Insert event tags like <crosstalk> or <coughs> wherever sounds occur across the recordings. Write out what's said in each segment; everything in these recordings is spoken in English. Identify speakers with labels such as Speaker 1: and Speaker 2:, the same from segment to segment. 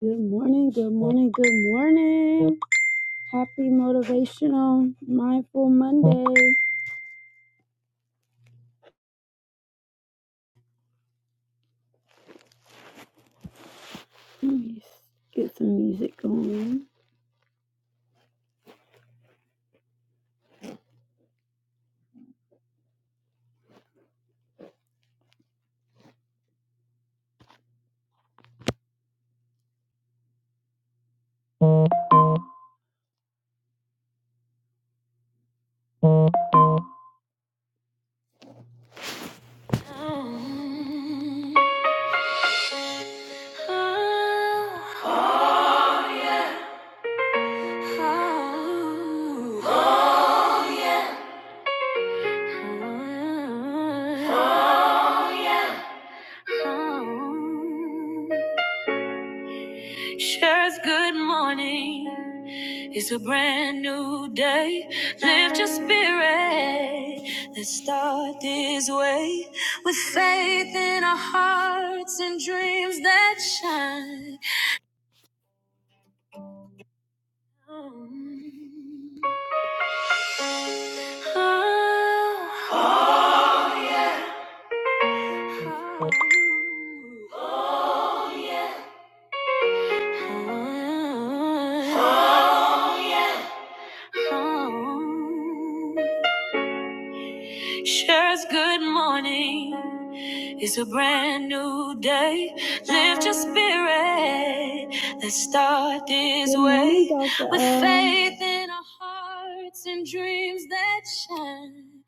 Speaker 1: Good morning, good morning, good morning. Happy motivational mindful Monday. Let me get some music going. It's a brand new day. Lift your spirit. Let's start this Good way Dr. with L. faith in our hearts and dreams that shine.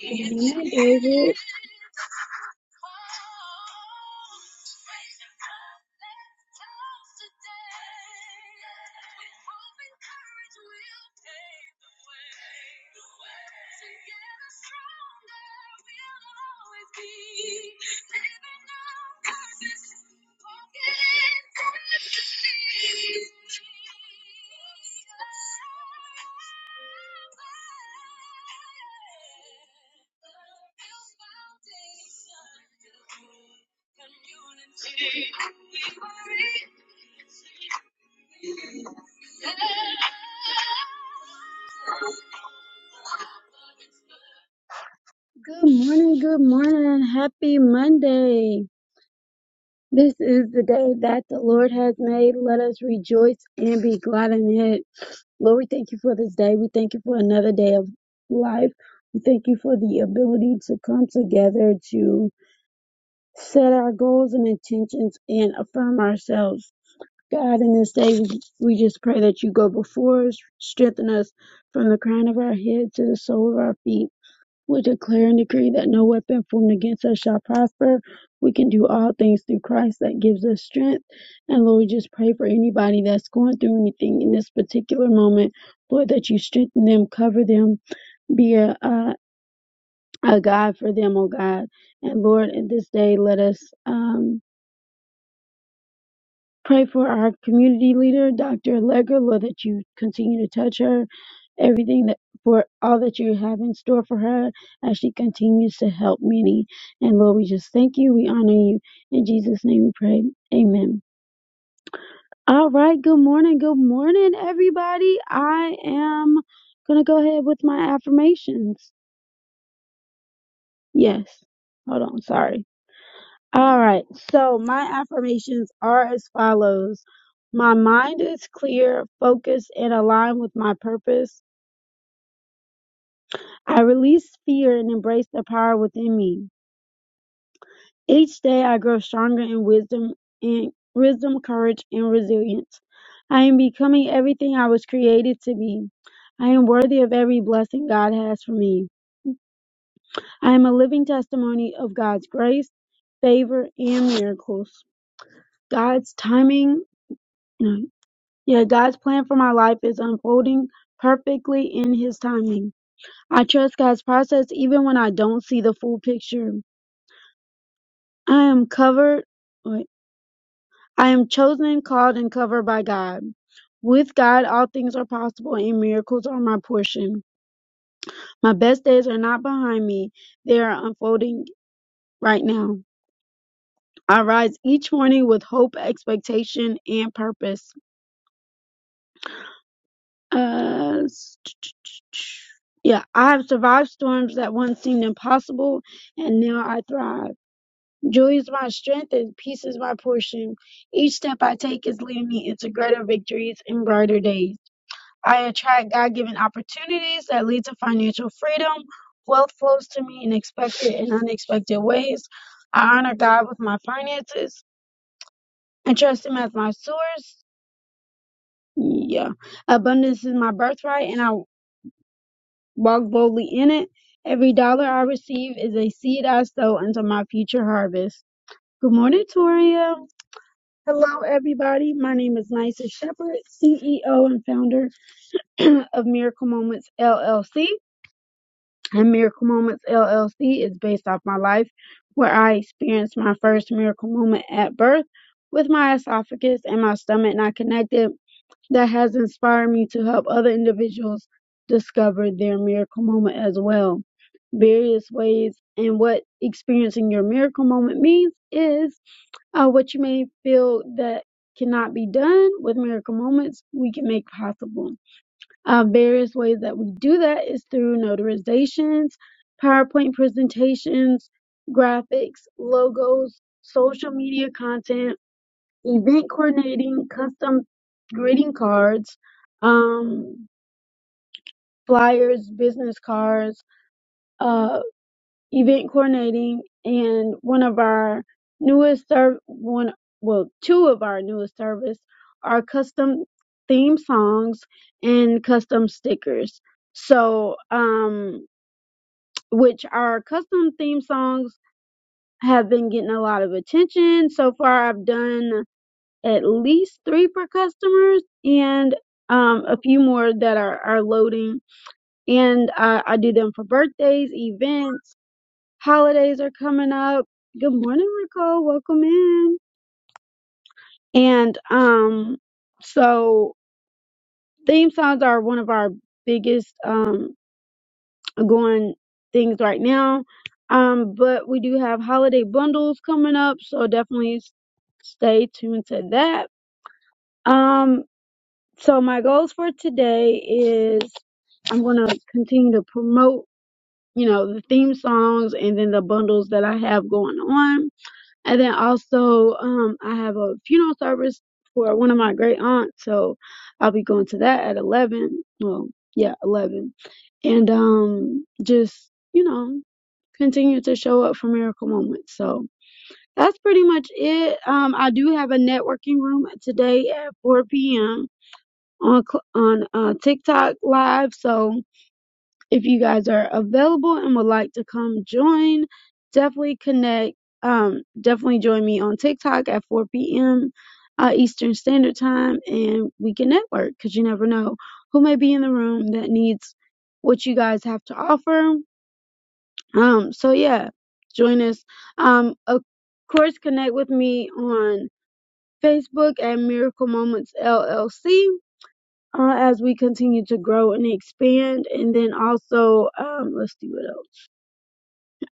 Speaker 1: Good morning, David. Good morning, good morning. Happy Monday. This is the day that the Lord has made. Let us rejoice and be glad in it. Lord, we thank you for this day. We thank you for another day of life. We thank you for the ability to come together to set our goals and intentions and affirm ourselves. God, in this day, we we just pray that you go before us, strengthen us from the crown of our head to the sole of our feet. We declare and decree that no weapon formed against us shall prosper. We can do all things through Christ that gives us strength. And Lord, we just pray for anybody that's going through anything in this particular moment, Lord, that you strengthen them, cover them, be a, a, a God for them, oh God. And Lord, in this day, let us. Um, pray for our community leader, Dr. Allegra, Lord, that you continue to touch her, everything that for all that you have in store for her as she continues to help many. And Lord, we just thank you. We honor you. In Jesus' name we pray. Amen. All right. Good morning. Good morning, everybody. I am going to go ahead with my affirmations. Yes. Hold on. Sorry. All right. So my affirmations are as follows. My mind is clear, focused, and aligned with my purpose. I release fear and embrace the power within me. Each day I grow stronger in wisdom and wisdom, courage, and resilience. I am becoming everything I was created to be. I am worthy of every blessing God has for me. I am a living testimony of God's grace, favor, and miracles. God's timing no, Yet God's plan for my life is unfolding perfectly in His timing. I trust God's process even when I don't see the full picture. I am covered, wait, I am chosen, called, and covered by God. With God, all things are possible and miracles are my portion. My best days are not behind me, they are unfolding right now. I rise each morning with hope, expectation, and purpose. Uh, s- yeah, I have survived storms that once seemed impossible, and now I thrive. Joy is my strength, and peace is my portion. Each step I take is leading me into greater victories and brighter days. I attract God given opportunities that lead to financial freedom. Wealth flows to me in expected and unexpected ways. I honor God with my finances and trust Him as my source. Yeah. Abundance is my birthright, and I. Walk boldly in it. Every dollar I receive is a seed I sow into my future harvest. Good morning, Toria. Hello, everybody. My name is Nysa Shepherd, CEO and founder <clears throat> of Miracle Moments LLC. And Miracle Moments LLC is based off my life, where I experienced my first miracle moment at birth with my esophagus and my stomach not connected that has inspired me to help other individuals discover their miracle moment as well. Various ways and what experiencing your miracle moment means is uh, what you may feel that cannot be done with miracle moments, we can make possible. Uh, various ways that we do that is through notarizations, PowerPoint presentations, graphics, logos, social media content, event coordinating, custom greeting cards, um, flyers, business cards, uh, event coordinating, and one of our newest serv one well two of our newest service are custom theme songs and custom stickers. So um, which our custom theme songs have been getting a lot of attention so far. I've done at least three per customers and um, a few more that are, are loading. And I, I do them for birthdays, events, holidays are coming up. Good morning, Nicole. Welcome in. And um, so theme songs are one of our biggest um, going things right now. Um, but we do have holiday bundles coming up, so definitely s- stay tuned to that. Um, so my goals for today is I'm going to continue to promote, you know, the theme songs and then the bundles that I have going on. And then also, um, I have a funeral service for one of my great aunts. So I'll be going to that at 11. Well, yeah, 11. And, um, just, you know, continue to show up for miracle moments. So that's pretty much it. Um, I do have a networking room today at 4 p.m on cl- on uh, TikTok live. So if you guys are available and would like to come join, definitely connect. Um, definitely join me on TikTok at 4 p.m. Uh, Eastern Standard Time, and we can network because you never know who may be in the room that needs what you guys have to offer. Um, so yeah, join us. Um, of course, connect with me on Facebook at Miracle Moments LLC uh, as we continue to grow and expand. And then also, um, let's see what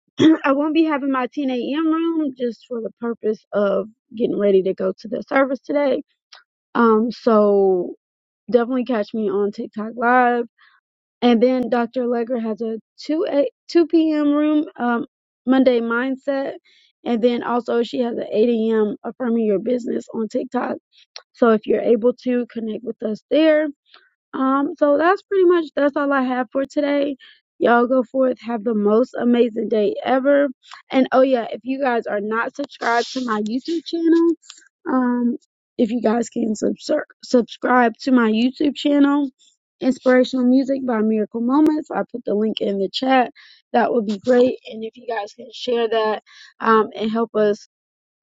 Speaker 1: else. <clears throat> I won't be having my 10 a.m. room just for the purpose of getting ready to go to the service today. Um, so definitely catch me on TikTok Live. And then Dr. Legger has a 2 a 2 p.m. room, um, Monday mindset. And then also she has an 8 a.m. affirming your business on TikTok. So if you're able to connect with us there, Um, so that's pretty much that's all I have for today. Y'all go forth, have the most amazing day ever. And oh yeah, if you guys are not subscribed to my YouTube channel, um, if you guys can subsur- subscribe to my YouTube channel, Inspirational Music by Miracle Moments. I put the link in the chat. That would be great. And if you guys can share that um, and help us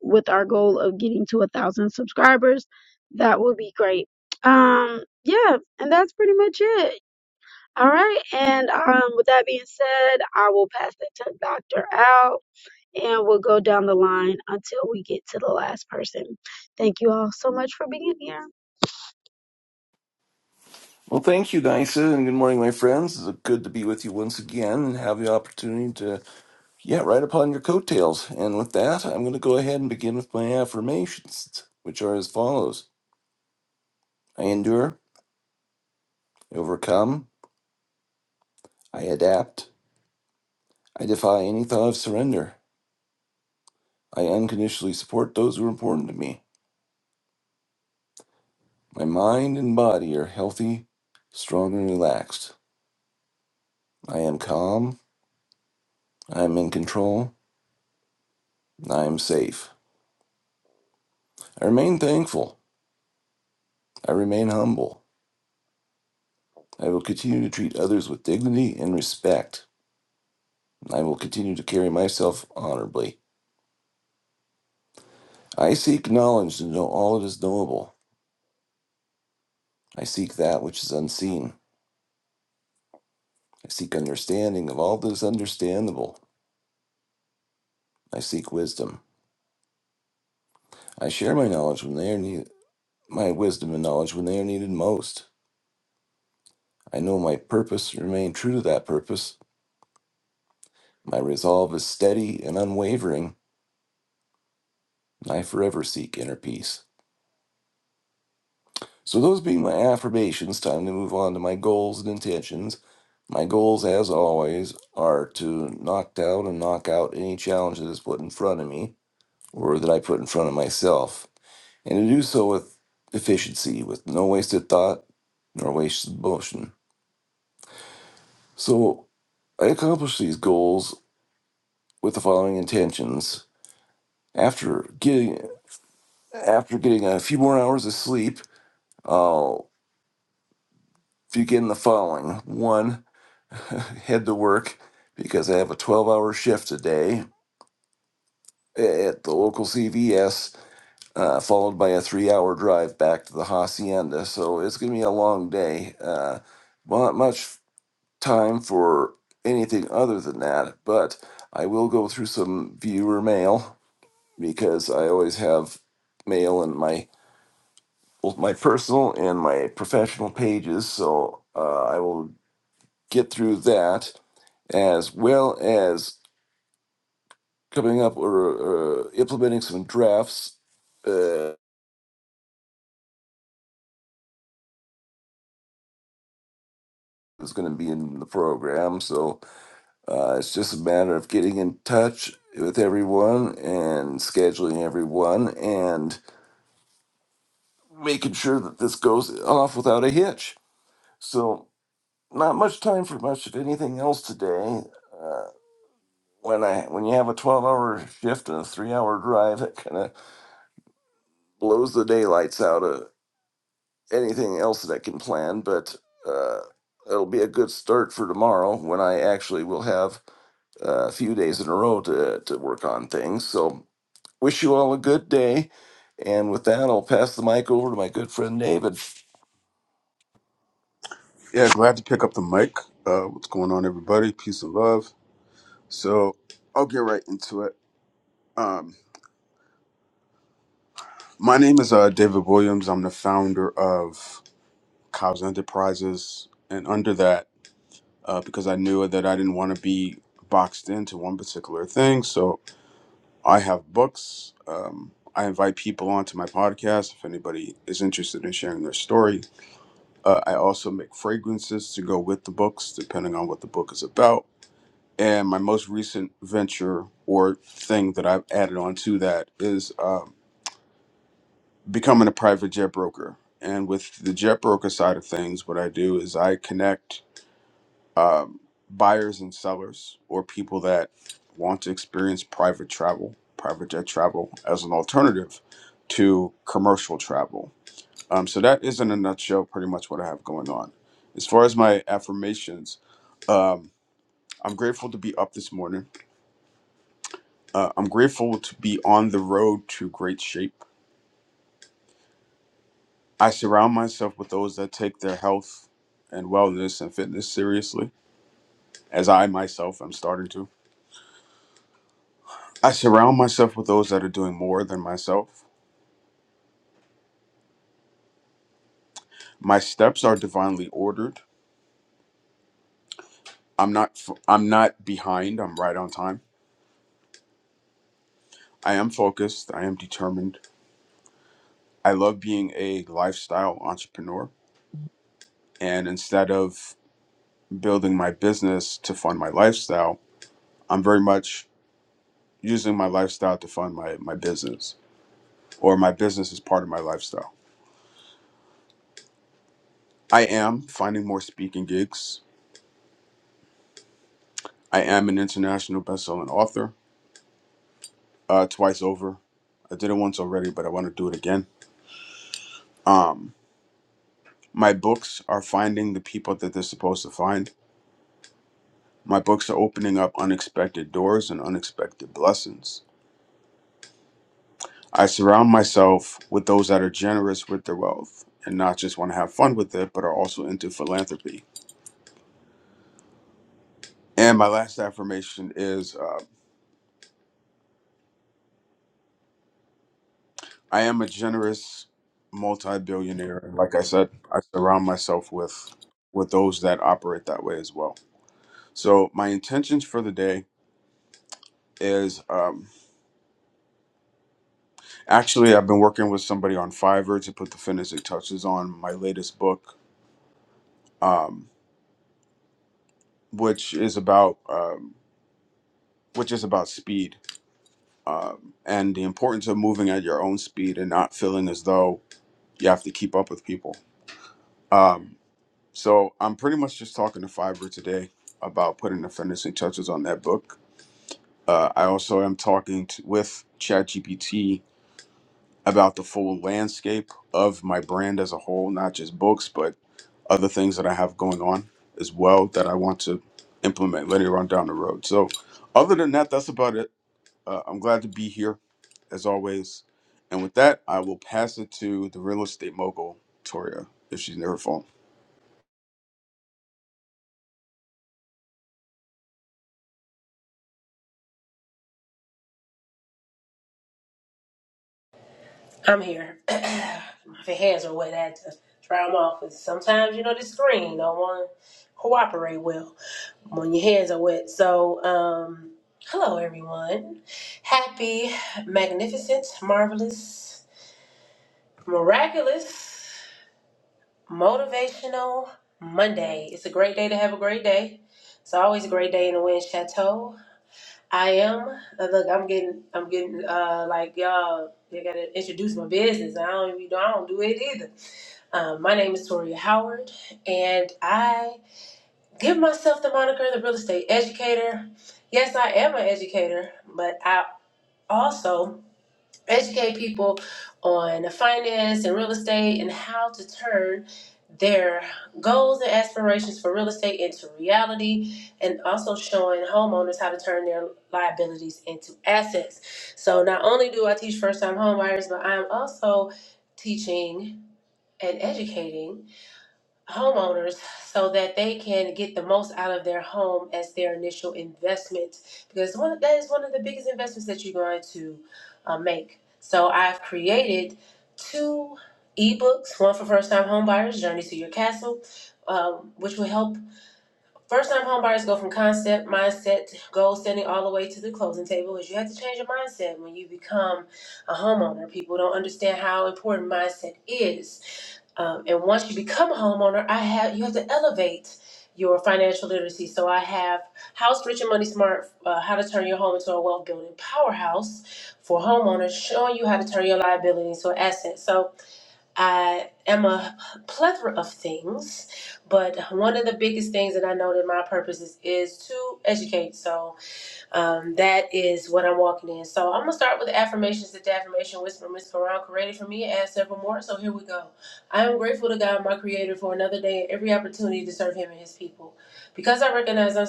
Speaker 1: with our goal of getting to a thousand subscribers. That would be great. Um, yeah, and that's pretty much it. All right, and um, with that being said, I will pass the to Doctor out, and we'll go down the line until we get to the last person. Thank you all so much for being here.
Speaker 2: Well, thank you, Nysa, and good morning, my friends. It's good to be with you once again and have the opportunity to, yeah, ride upon your coattails. And with that, I'm going to go ahead and begin with my affirmations, which are as follows I endure, I overcome, I adapt, I defy any thought of surrender, I unconditionally support those who are important to me. My mind and body are healthy, strong, and relaxed. I am calm, I am in control, and I am safe. I remain thankful, I remain humble. I will continue to treat others with dignity and respect. I will continue to carry myself honorably. I seek knowledge to know all that is knowable. I seek that which is unseen. I seek understanding of all that is understandable. I seek wisdom. I share my knowledge when they are needed, my wisdom and knowledge when they are needed most. I know my purpose, remain true to that purpose. My resolve is steady and unwavering. I forever seek inner peace. So, those being my affirmations, time to move on to my goals and intentions. My goals, as always, are to knock down and knock out any challenge that is put in front of me or that I put in front of myself, and to do so with efficiency, with no wasted thought nor wasted motion. So I accomplish these goals with the following intentions. After getting after getting a few more hours of sleep, I'll begin the following. One, <laughs> head to work because I have a 12 hour shift today at the local CVS uh, followed by a three hour drive back to the hacienda. So it's going to be a long day. Uh, not much time for anything other than that, but I will go through some viewer mail because I always have mail in my both my personal and my professional pages. So uh, I will get through that as well as coming up or uh, implementing some drafts. Uh, is going to be in the program. So Uh, it's just a matter of getting in touch with everyone and scheduling everyone and making sure that this goes off without a hitch. So, not much time for much of anything else today. Uh, when I when you have a 12 hour shift and a three hour drive, that kind of blows the daylights out of anything else that I can plan. But uh, it'll be a good start for tomorrow when I actually will have a few days in a row to, to work on things. So Wish you all a good day. And with that, I'll pass the mic over to my good friend David.
Speaker 3: Yeah, glad to pick up the mic. Uh, what's going on, everybody? Peace and love. So I'll get right into it. Um, my name is uh, David Williams. I'm the founder of Cows Enterprises, and under that, uh, because I knew that I didn't want to be boxed into one particular thing, so I have books. Um, I invite people onto my podcast if anybody is interested in sharing their story. Uh, I also make fragrances to go with the books, depending on what the book is about And my most recent venture or thing that I've added on to that is um, becoming a private jet broker. And with the jet broker side of things, what I do is I connect um, buyers and sellers or people that want to experience private travel, private jet travel as an alternative to commercial travel. Um, so that is in a nutshell pretty much what I have going on. As far as my affirmations, um, I'm grateful to be up this morning. Uh, I'm grateful to be on the road to great shape. I surround myself with those that take their health and wellness and fitness seriously, as I myself am starting to. I surround myself with those that are doing more than myself. My steps are divinely ordered. I'm not f- I'm not behind, I'm right on time. I am focused, I am determined. I love being a lifestyle entrepreneur, and instead of building my business to fund my lifestyle, I'm very much using my lifestyle to fund my my business or my business is part of my lifestyle i am finding more speaking gigs i am an international best-selling author uh, twice over i did it once already but i want to do it again um, my books are finding the people that they're supposed to find my books are opening up unexpected doors and unexpected blessings i surround myself with those that are generous with their wealth and not just want to have fun with it but are also into philanthropy and my last affirmation is uh, I am a generous multi-billionaire. Like I said, I surround myself with with those that operate that way as well. So my intentions for the day is um, actually I've been working with somebody on Fiverr to put the finishing touches on my latest book, um, which is about um, which is about speed um, and the importance of moving at your own speed and not feeling as though you have to keep up with people. Um, So I'm pretty much just talking to Fiverr today about putting the finishing touches on that book. Uh, I also am talking to, with ChatGPT about the full landscape of my brand as a whole, not just books, but other things that I have going on as well that I want to implement later on down the road. So, other than that, that's about it. Uh, I'm glad to be here as always. And with that, I will pass it to the real estate mogul, Toria, if she's near her phone.
Speaker 4: I'm here. <clears throat> My hands are wet, I had to dry them off. And sometimes, you know, the screen don't want to cooperate well when your hands are wet. So, um, hello everyone. Happy, magnificent, marvelous, miraculous, motivational Monday. It's a great day to have a great day. It's always a great day in the Wind Chateau. I am. uh, Look, I'm getting, I'm getting, uh, like y'all, they gotta introduce my business. I don't even, I don't do it either. Um, my name is Toria Howard, and I give myself the moniker the real estate educator. Yes, I am an educator, but I also educate people on finance and real estate and how to turn their goals and aspirations for real estate into reality and also showing homeowners how to turn their liabilities into assets. So not only do I teach first time homebuyers, but I'm also teaching and educating homeowners so that they can get the most out of their home as their initial investment because one that is one of the biggest investments that you're going to uh, make. So I've created two ebooks, one for first-time homebuyers, Journey to Your Castle, um, which will help first-time homebuyers go from concept, mindset, goal setting, all the way to the closing table. Because you have to change your mindset when you become a homeowner. People don't understand how important mindset is um, and once you become a homeowner, I have you have to elevate your financial literacy. So I have House Rich and Money Smart: uh, How to Turn Your Home into a Wealth Building Powerhouse for homeowners, showing you how to turn your liabilities into assets. So I am a plethora of things, but one of the biggest things that I know that my purpose is is to educate. So um, that is what I'm walking in. So I'm gonna start with the affirmations that the affirmation whisper Miss whisper created for me and add several more. So here we go. I am grateful to God, my Creator, for another day and every opportunity to serve Him and His people. Because I recognize I'm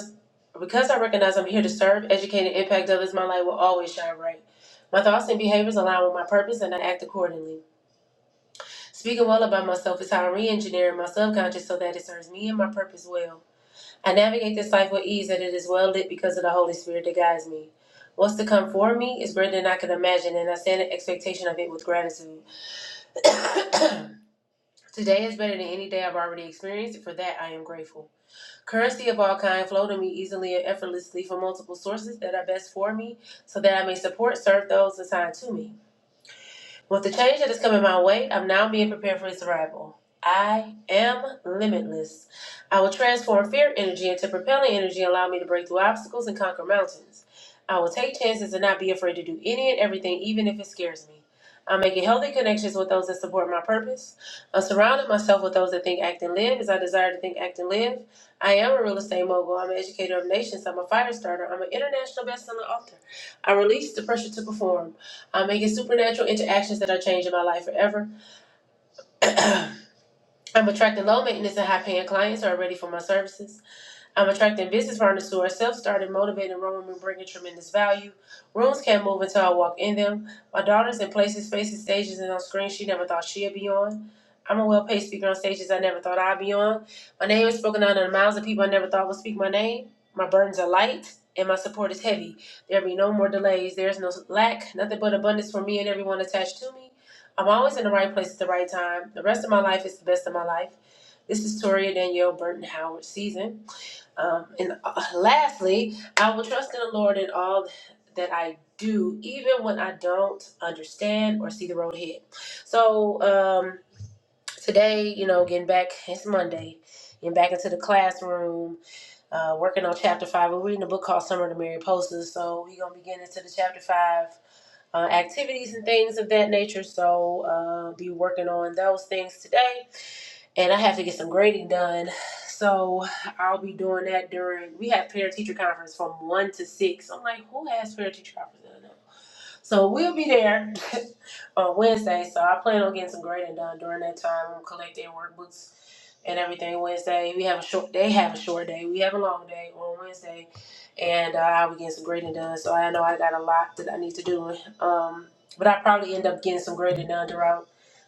Speaker 4: because I recognize I'm here to serve, educate, and impact others, my light will always shine bright. My thoughts and behaviors align with my purpose, and I act accordingly. Speaking well about myself is how I'm re-engineering my subconscious so that it serves me and my purpose well. I navigate this life with ease and it is well lit because of the Holy Spirit that guides me. What's to come for me is greater than I can imagine, and I stand in expectation of it with gratitude. <coughs> Today is better than any day I've already experienced. For that, I am grateful. Currency of all kind flow to me easily and effortlessly from multiple sources that are best for me, so that I may support, serve those assigned to me. With the change that is coming my way, I'm now being prepared for its arrival. I am limitless. I will transform fear energy into propelling energy, and allow me to break through obstacles and conquer mountains. I will take chances and not be afraid to do any and everything, even if it scares me. I'm making healthy connections with those that support my purpose. I'm surrounding myself with those that think, act, and live as I desire to think, act, and live. I am a real estate mogul. I'm an educator of nations. I'm a fire starter. I'm an international best-selling author. I release the pressure to perform. I'm making supernatural interactions that are changing my life forever. <clears throat> I'm attracting low maintenance and high paying clients who are ready for my services. I'm attracting business partners who are self-starting, motivated, roaming, and roaming, bringing tremendous value. Rooms can't move until I walk in them. My daughter's in places, spaces, stages, and on screens she never thought she'd be on. I'm a well-paid speaker on stages I never thought I'd be on. My name is spoken out of the mouths of people I never thought would speak my name. My burdens are light, and my support is heavy. There be no more delays. There is no lack, nothing but abundance for me and everyone attached to me. I'm always in the right place at the right time. The rest of my life is the best of my life. This is Toria Danielle Burton Howard season. Um, and uh, lastly, I will trust in the Lord in all that I do, even when I don't understand or see the road ahead. So um, today, you know, getting back, it's Monday, getting back into the classroom, uh, working on chapter five. We're reading a book called Summer to Mary Posters. So we're going to be getting into the chapter five. Uh, activities and things of that nature. So, uh, be working on those things today and I have to get some grading done. So I'll be doing that during we have parent teacher conference from one to six. I'm like, who has parent teacher conference? I don't know. So we'll be there <laughs> on Wednesday. So I plan on getting some grading done during that time. I'm collecting workbooks and everything Wednesday. We have a short. They have a short day. We have a long day on Wednesday, and uh, I'll be getting some grading done. So I know I got a lot that I need to do. Um, but I probably end up getting some grading done throughout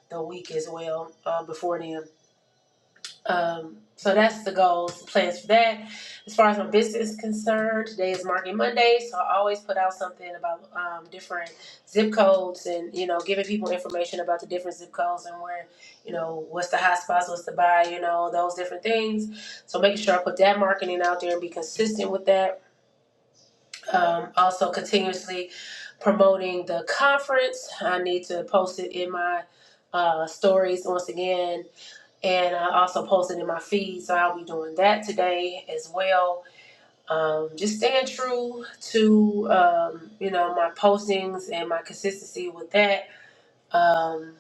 Speaker 4: the week as well uh, before then. Um, so that's the goals, plans for that. As far as my business is concerned, today is Marketing Monday, so I always put out something about um, different zip codes and you know giving people information about the different zip codes and where you know what's the hot spots, what's to buy, you know those different things. So making sure I put that marketing out there and be consistent with that. Um, also continuously promoting the conference. I need to post it in my uh, stories once again and I also posted in my feed, so I'll be doing that today as well. Um, just staying true to um, you know my postings and my consistency with that. Um,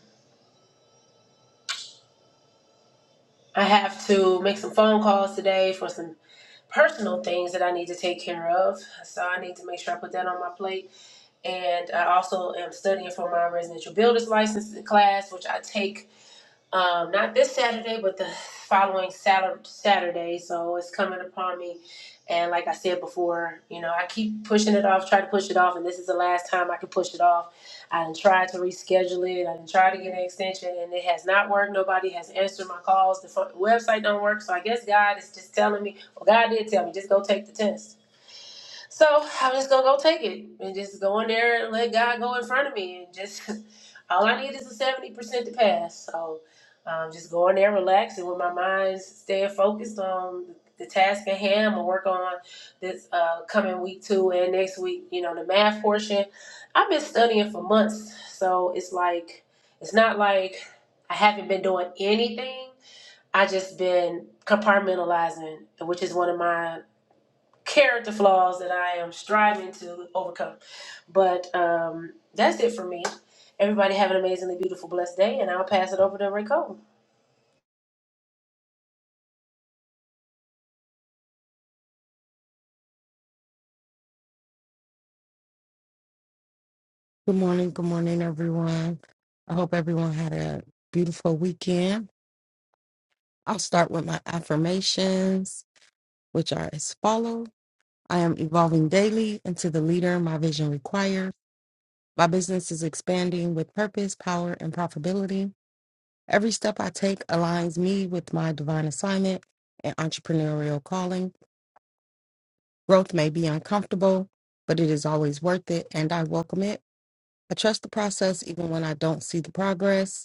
Speaker 4: I have to make some phone calls today for some personal things that I need to take care of, so I need to make sure I put that on my plate. And I also am studying for my residential builders license class, which I take. um, not this Saturday, but the following Sat- Saturday. So it's coming upon me. And like I said before, you know, I keep pushing it off, try to push it off, and this is the last time I can push it off. I done tried to reschedule it. I done tried to get an extension, and it has not worked. Nobody has answered my calls. The fu- website don't work, so I guess God is just telling me. Well, God did tell me, just go take the test. So I'm just gonna go take it and just go in there and let God go in front of me and just <laughs> all I need is a seventy percent to pass. So um, just go in there, relax, and with my mind staying focused on the task at hand, I'm gonna work on this uh, coming week two and next week. You know the math portion. I've been studying for months, so it's like it's not like I haven't been doing anything. I just been compartmentalizing, which is one of my character flaws that I am striving to overcome. But um, that's it for me. Everybody have an amazingly beautiful, blessed day, and I'll pass it over to Rico.
Speaker 5: Good morning, good morning, everyone. I hope everyone had a beautiful weekend. I'll start with my affirmations, which are as follow. I am evolving daily into the leader my vision requires. My business is expanding with purpose, power, and profitability. Every step I take aligns me with my divine assignment and entrepreneurial calling. Growth may be uncomfortable, but it is always worth it, and I welcome it. I trust the process even when I don't see the progress.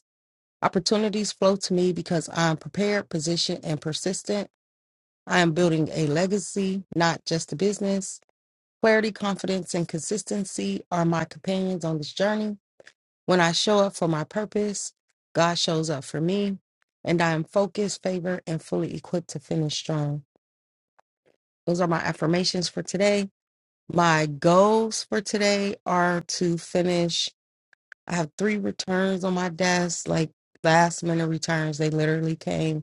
Speaker 5: Opportunities flow to me because I am prepared, positioned, and persistent. I am building a legacy, not just a business. Clarity, confidence, and consistency are my companions on this journey. When I show up for my purpose, God shows up for me, and I am focused, favored, and fully equipped to finish strong. Those are my affirmations for today. My goals for today are to finish. I have three returns on my desk, like last minute returns. They literally came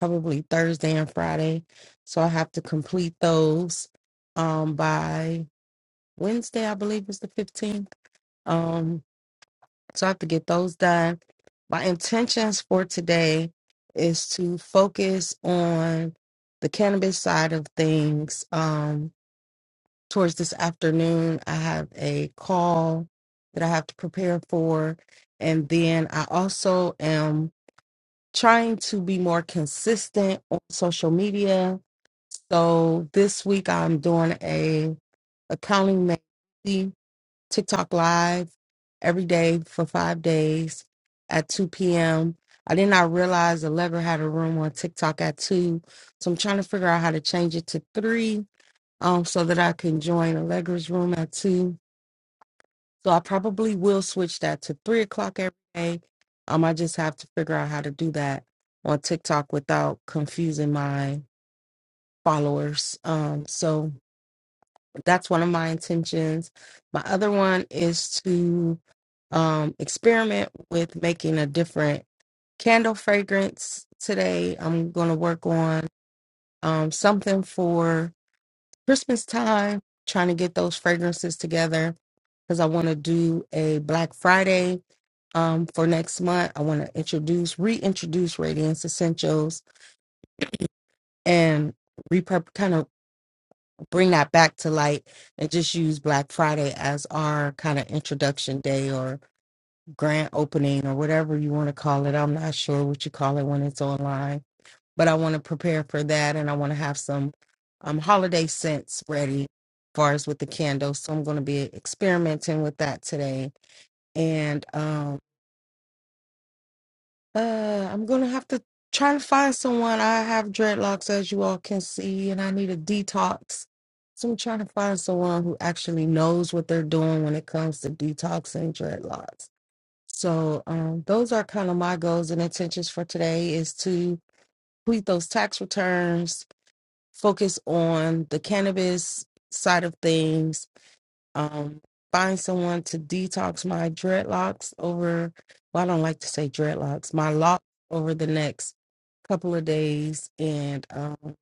Speaker 5: probably Thursday and Friday. So I have to complete those um by Wednesday, I believe is the 15th. Um so I have to get those done. My intentions for today is to focus on the cannabis side of things. Um towards this afternoon, I have a call that I have to prepare for and then I also am trying to be more consistent on social media. So this week I'm doing a accounting magazine TikTok live every day for five days at 2 p.m. I did not realize the had a room on TikTok at two, so I'm trying to figure out how to change it to three, um, so that I can join Allegra's room at two. So I probably will switch that to three o'clock every day. Um, I just have to figure out how to do that on TikTok without confusing my followers. Um, so that's one of my intentions. My other one is to um experiment with making a different candle fragrance today. I'm gonna work on um something for Christmas time, trying to get those fragrances together because I want to do a Black Friday um, for next month. I want to introduce, reintroduce Radiance Essentials and repurp kind of bring that back to light and just use Black Friday as our kind of introduction day or grand opening or whatever you want to call it. I'm not sure what you call it when it's online, but I want to prepare for that and I want to have some um, holiday scents ready as far as with the candles. So I'm going to be experimenting with that today. And um Uh, I'm gonna have to try to find someone. I have dreadlocks, as you all can see, and I need a detox. So I'm trying to find someone who actually knows what they're doing when it comes to detoxing dreadlocks. So um, those are kind of my goals and intentions for today is to complete those tax returns, focus on the cannabis side of things, um, find someone to detox my dreadlocks over, well, I don't like to say dreadlocks, my locks over the next couple of days. And um,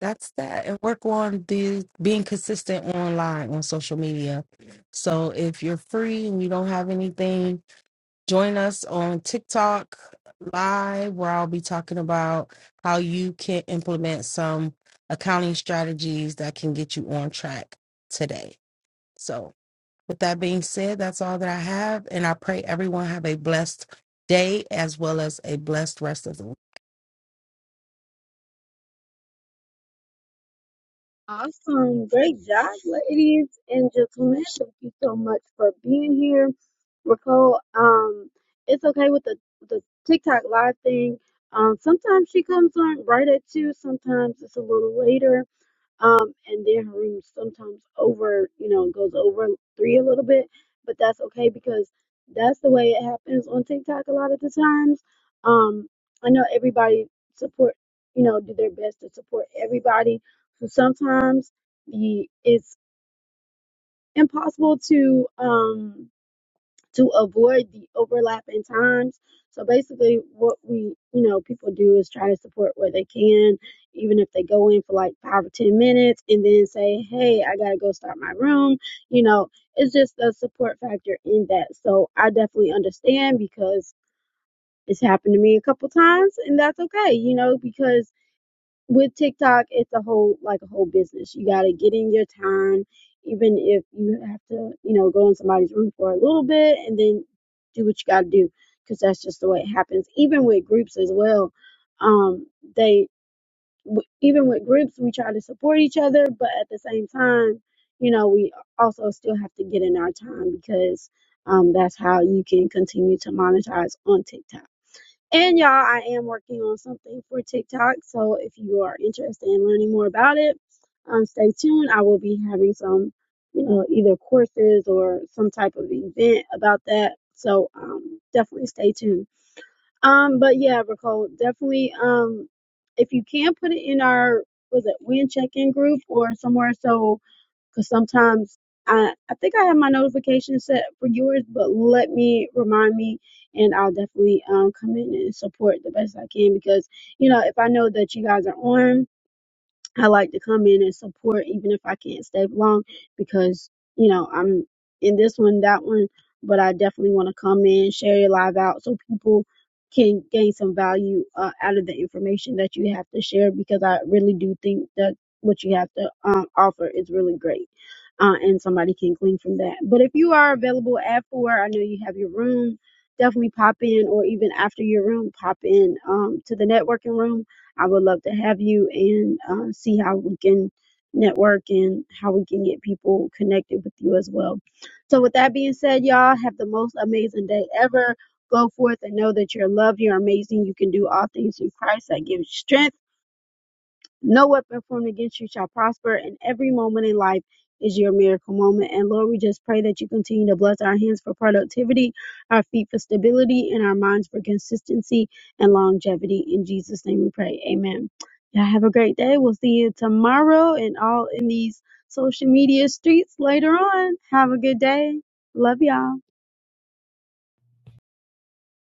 Speaker 5: that's that. And work on the being consistent online on social media. So if you're free and you don't have anything, join us on TikTok live where I'll be talking about how you can implement some accounting strategies that can get you on track today. So with that being said, that's all that I have. And I pray everyone have a blessed day as well as a blessed rest of the week.
Speaker 1: Awesome. Great job, ladies and gentlemen. Thank you so much for being here. Raquel, um, it's okay with the, the TikTok live thing. Um, sometimes she comes on right at two, sometimes it's a little later um, and then her room sometimes over, you know, goes over three a little bit, but that's okay because that's the way it happens on TikTok a lot of the times. Um, I know everybody support, you know, do their best to support everybody. So sometimes the it's impossible to um to avoid the overlap in times. So basically, what we, you know, people do is try to support where they can, even if they go in for like five or 10 minutes and then say, hey, I got to go start my room. You know, it's just a support factor in that. So I definitely understand because it's happened to me a couple times and that's okay, you know, because with TikTok, it's a whole like a whole business. You gotta get in your time, even if you have to, you know, go in somebody's room for a little bit and then do what you gotta do, because that's just the way it happens. Even with groups as well, um, they w- even with groups we try to support each other, but at the same time, you know, we also still have to get in our time because um, that's how you can continue to monetize on TikTok. And y'all, I am working on something for TikTok. So if you are interested in learning more about it, um, stay tuned. I will be having some, you know, either courses or some type of event about that. So um, definitely stay tuned. Um, but yeah, Nicole, definitely um, if you can put it in our was it win check in group or somewhere so Cause sometimes I I think I have my notification set for yours, but let me remind me, and I'll definitely um come in and support the best I can because you know if I know that you guys are on. I like to come in and support even if I can't stay long because, you know, I'm in this one, that one, but I definitely want to come in, share your live out so people can gain some value uh, out of the information that you have to share because I really do think that what you have to um, offer is really great. Uh, and somebody can glean from that. But if you are available at four, I know you have your room. Definitely pop in, or even after your room, pop in um, to the networking room I would love to have you and uh, see how we can network and how we can get people connected with you as well. So, with that being said, y'all have the most amazing day ever. Go forth and know that you're loved, you're amazing, you can do all things through Christ that gives you strength. No weapon formed against you shall prosper, and every moment in life is your miracle moment. And Lord, we just pray that you continue to bless our hands for productivity, our feet for stability, and our minds for consistency and longevity. In Jesus' name we pray. Amen. Y'all have a great day. We'll see you tomorrow and all in these social media streets later on. Have a good day. Love y'all.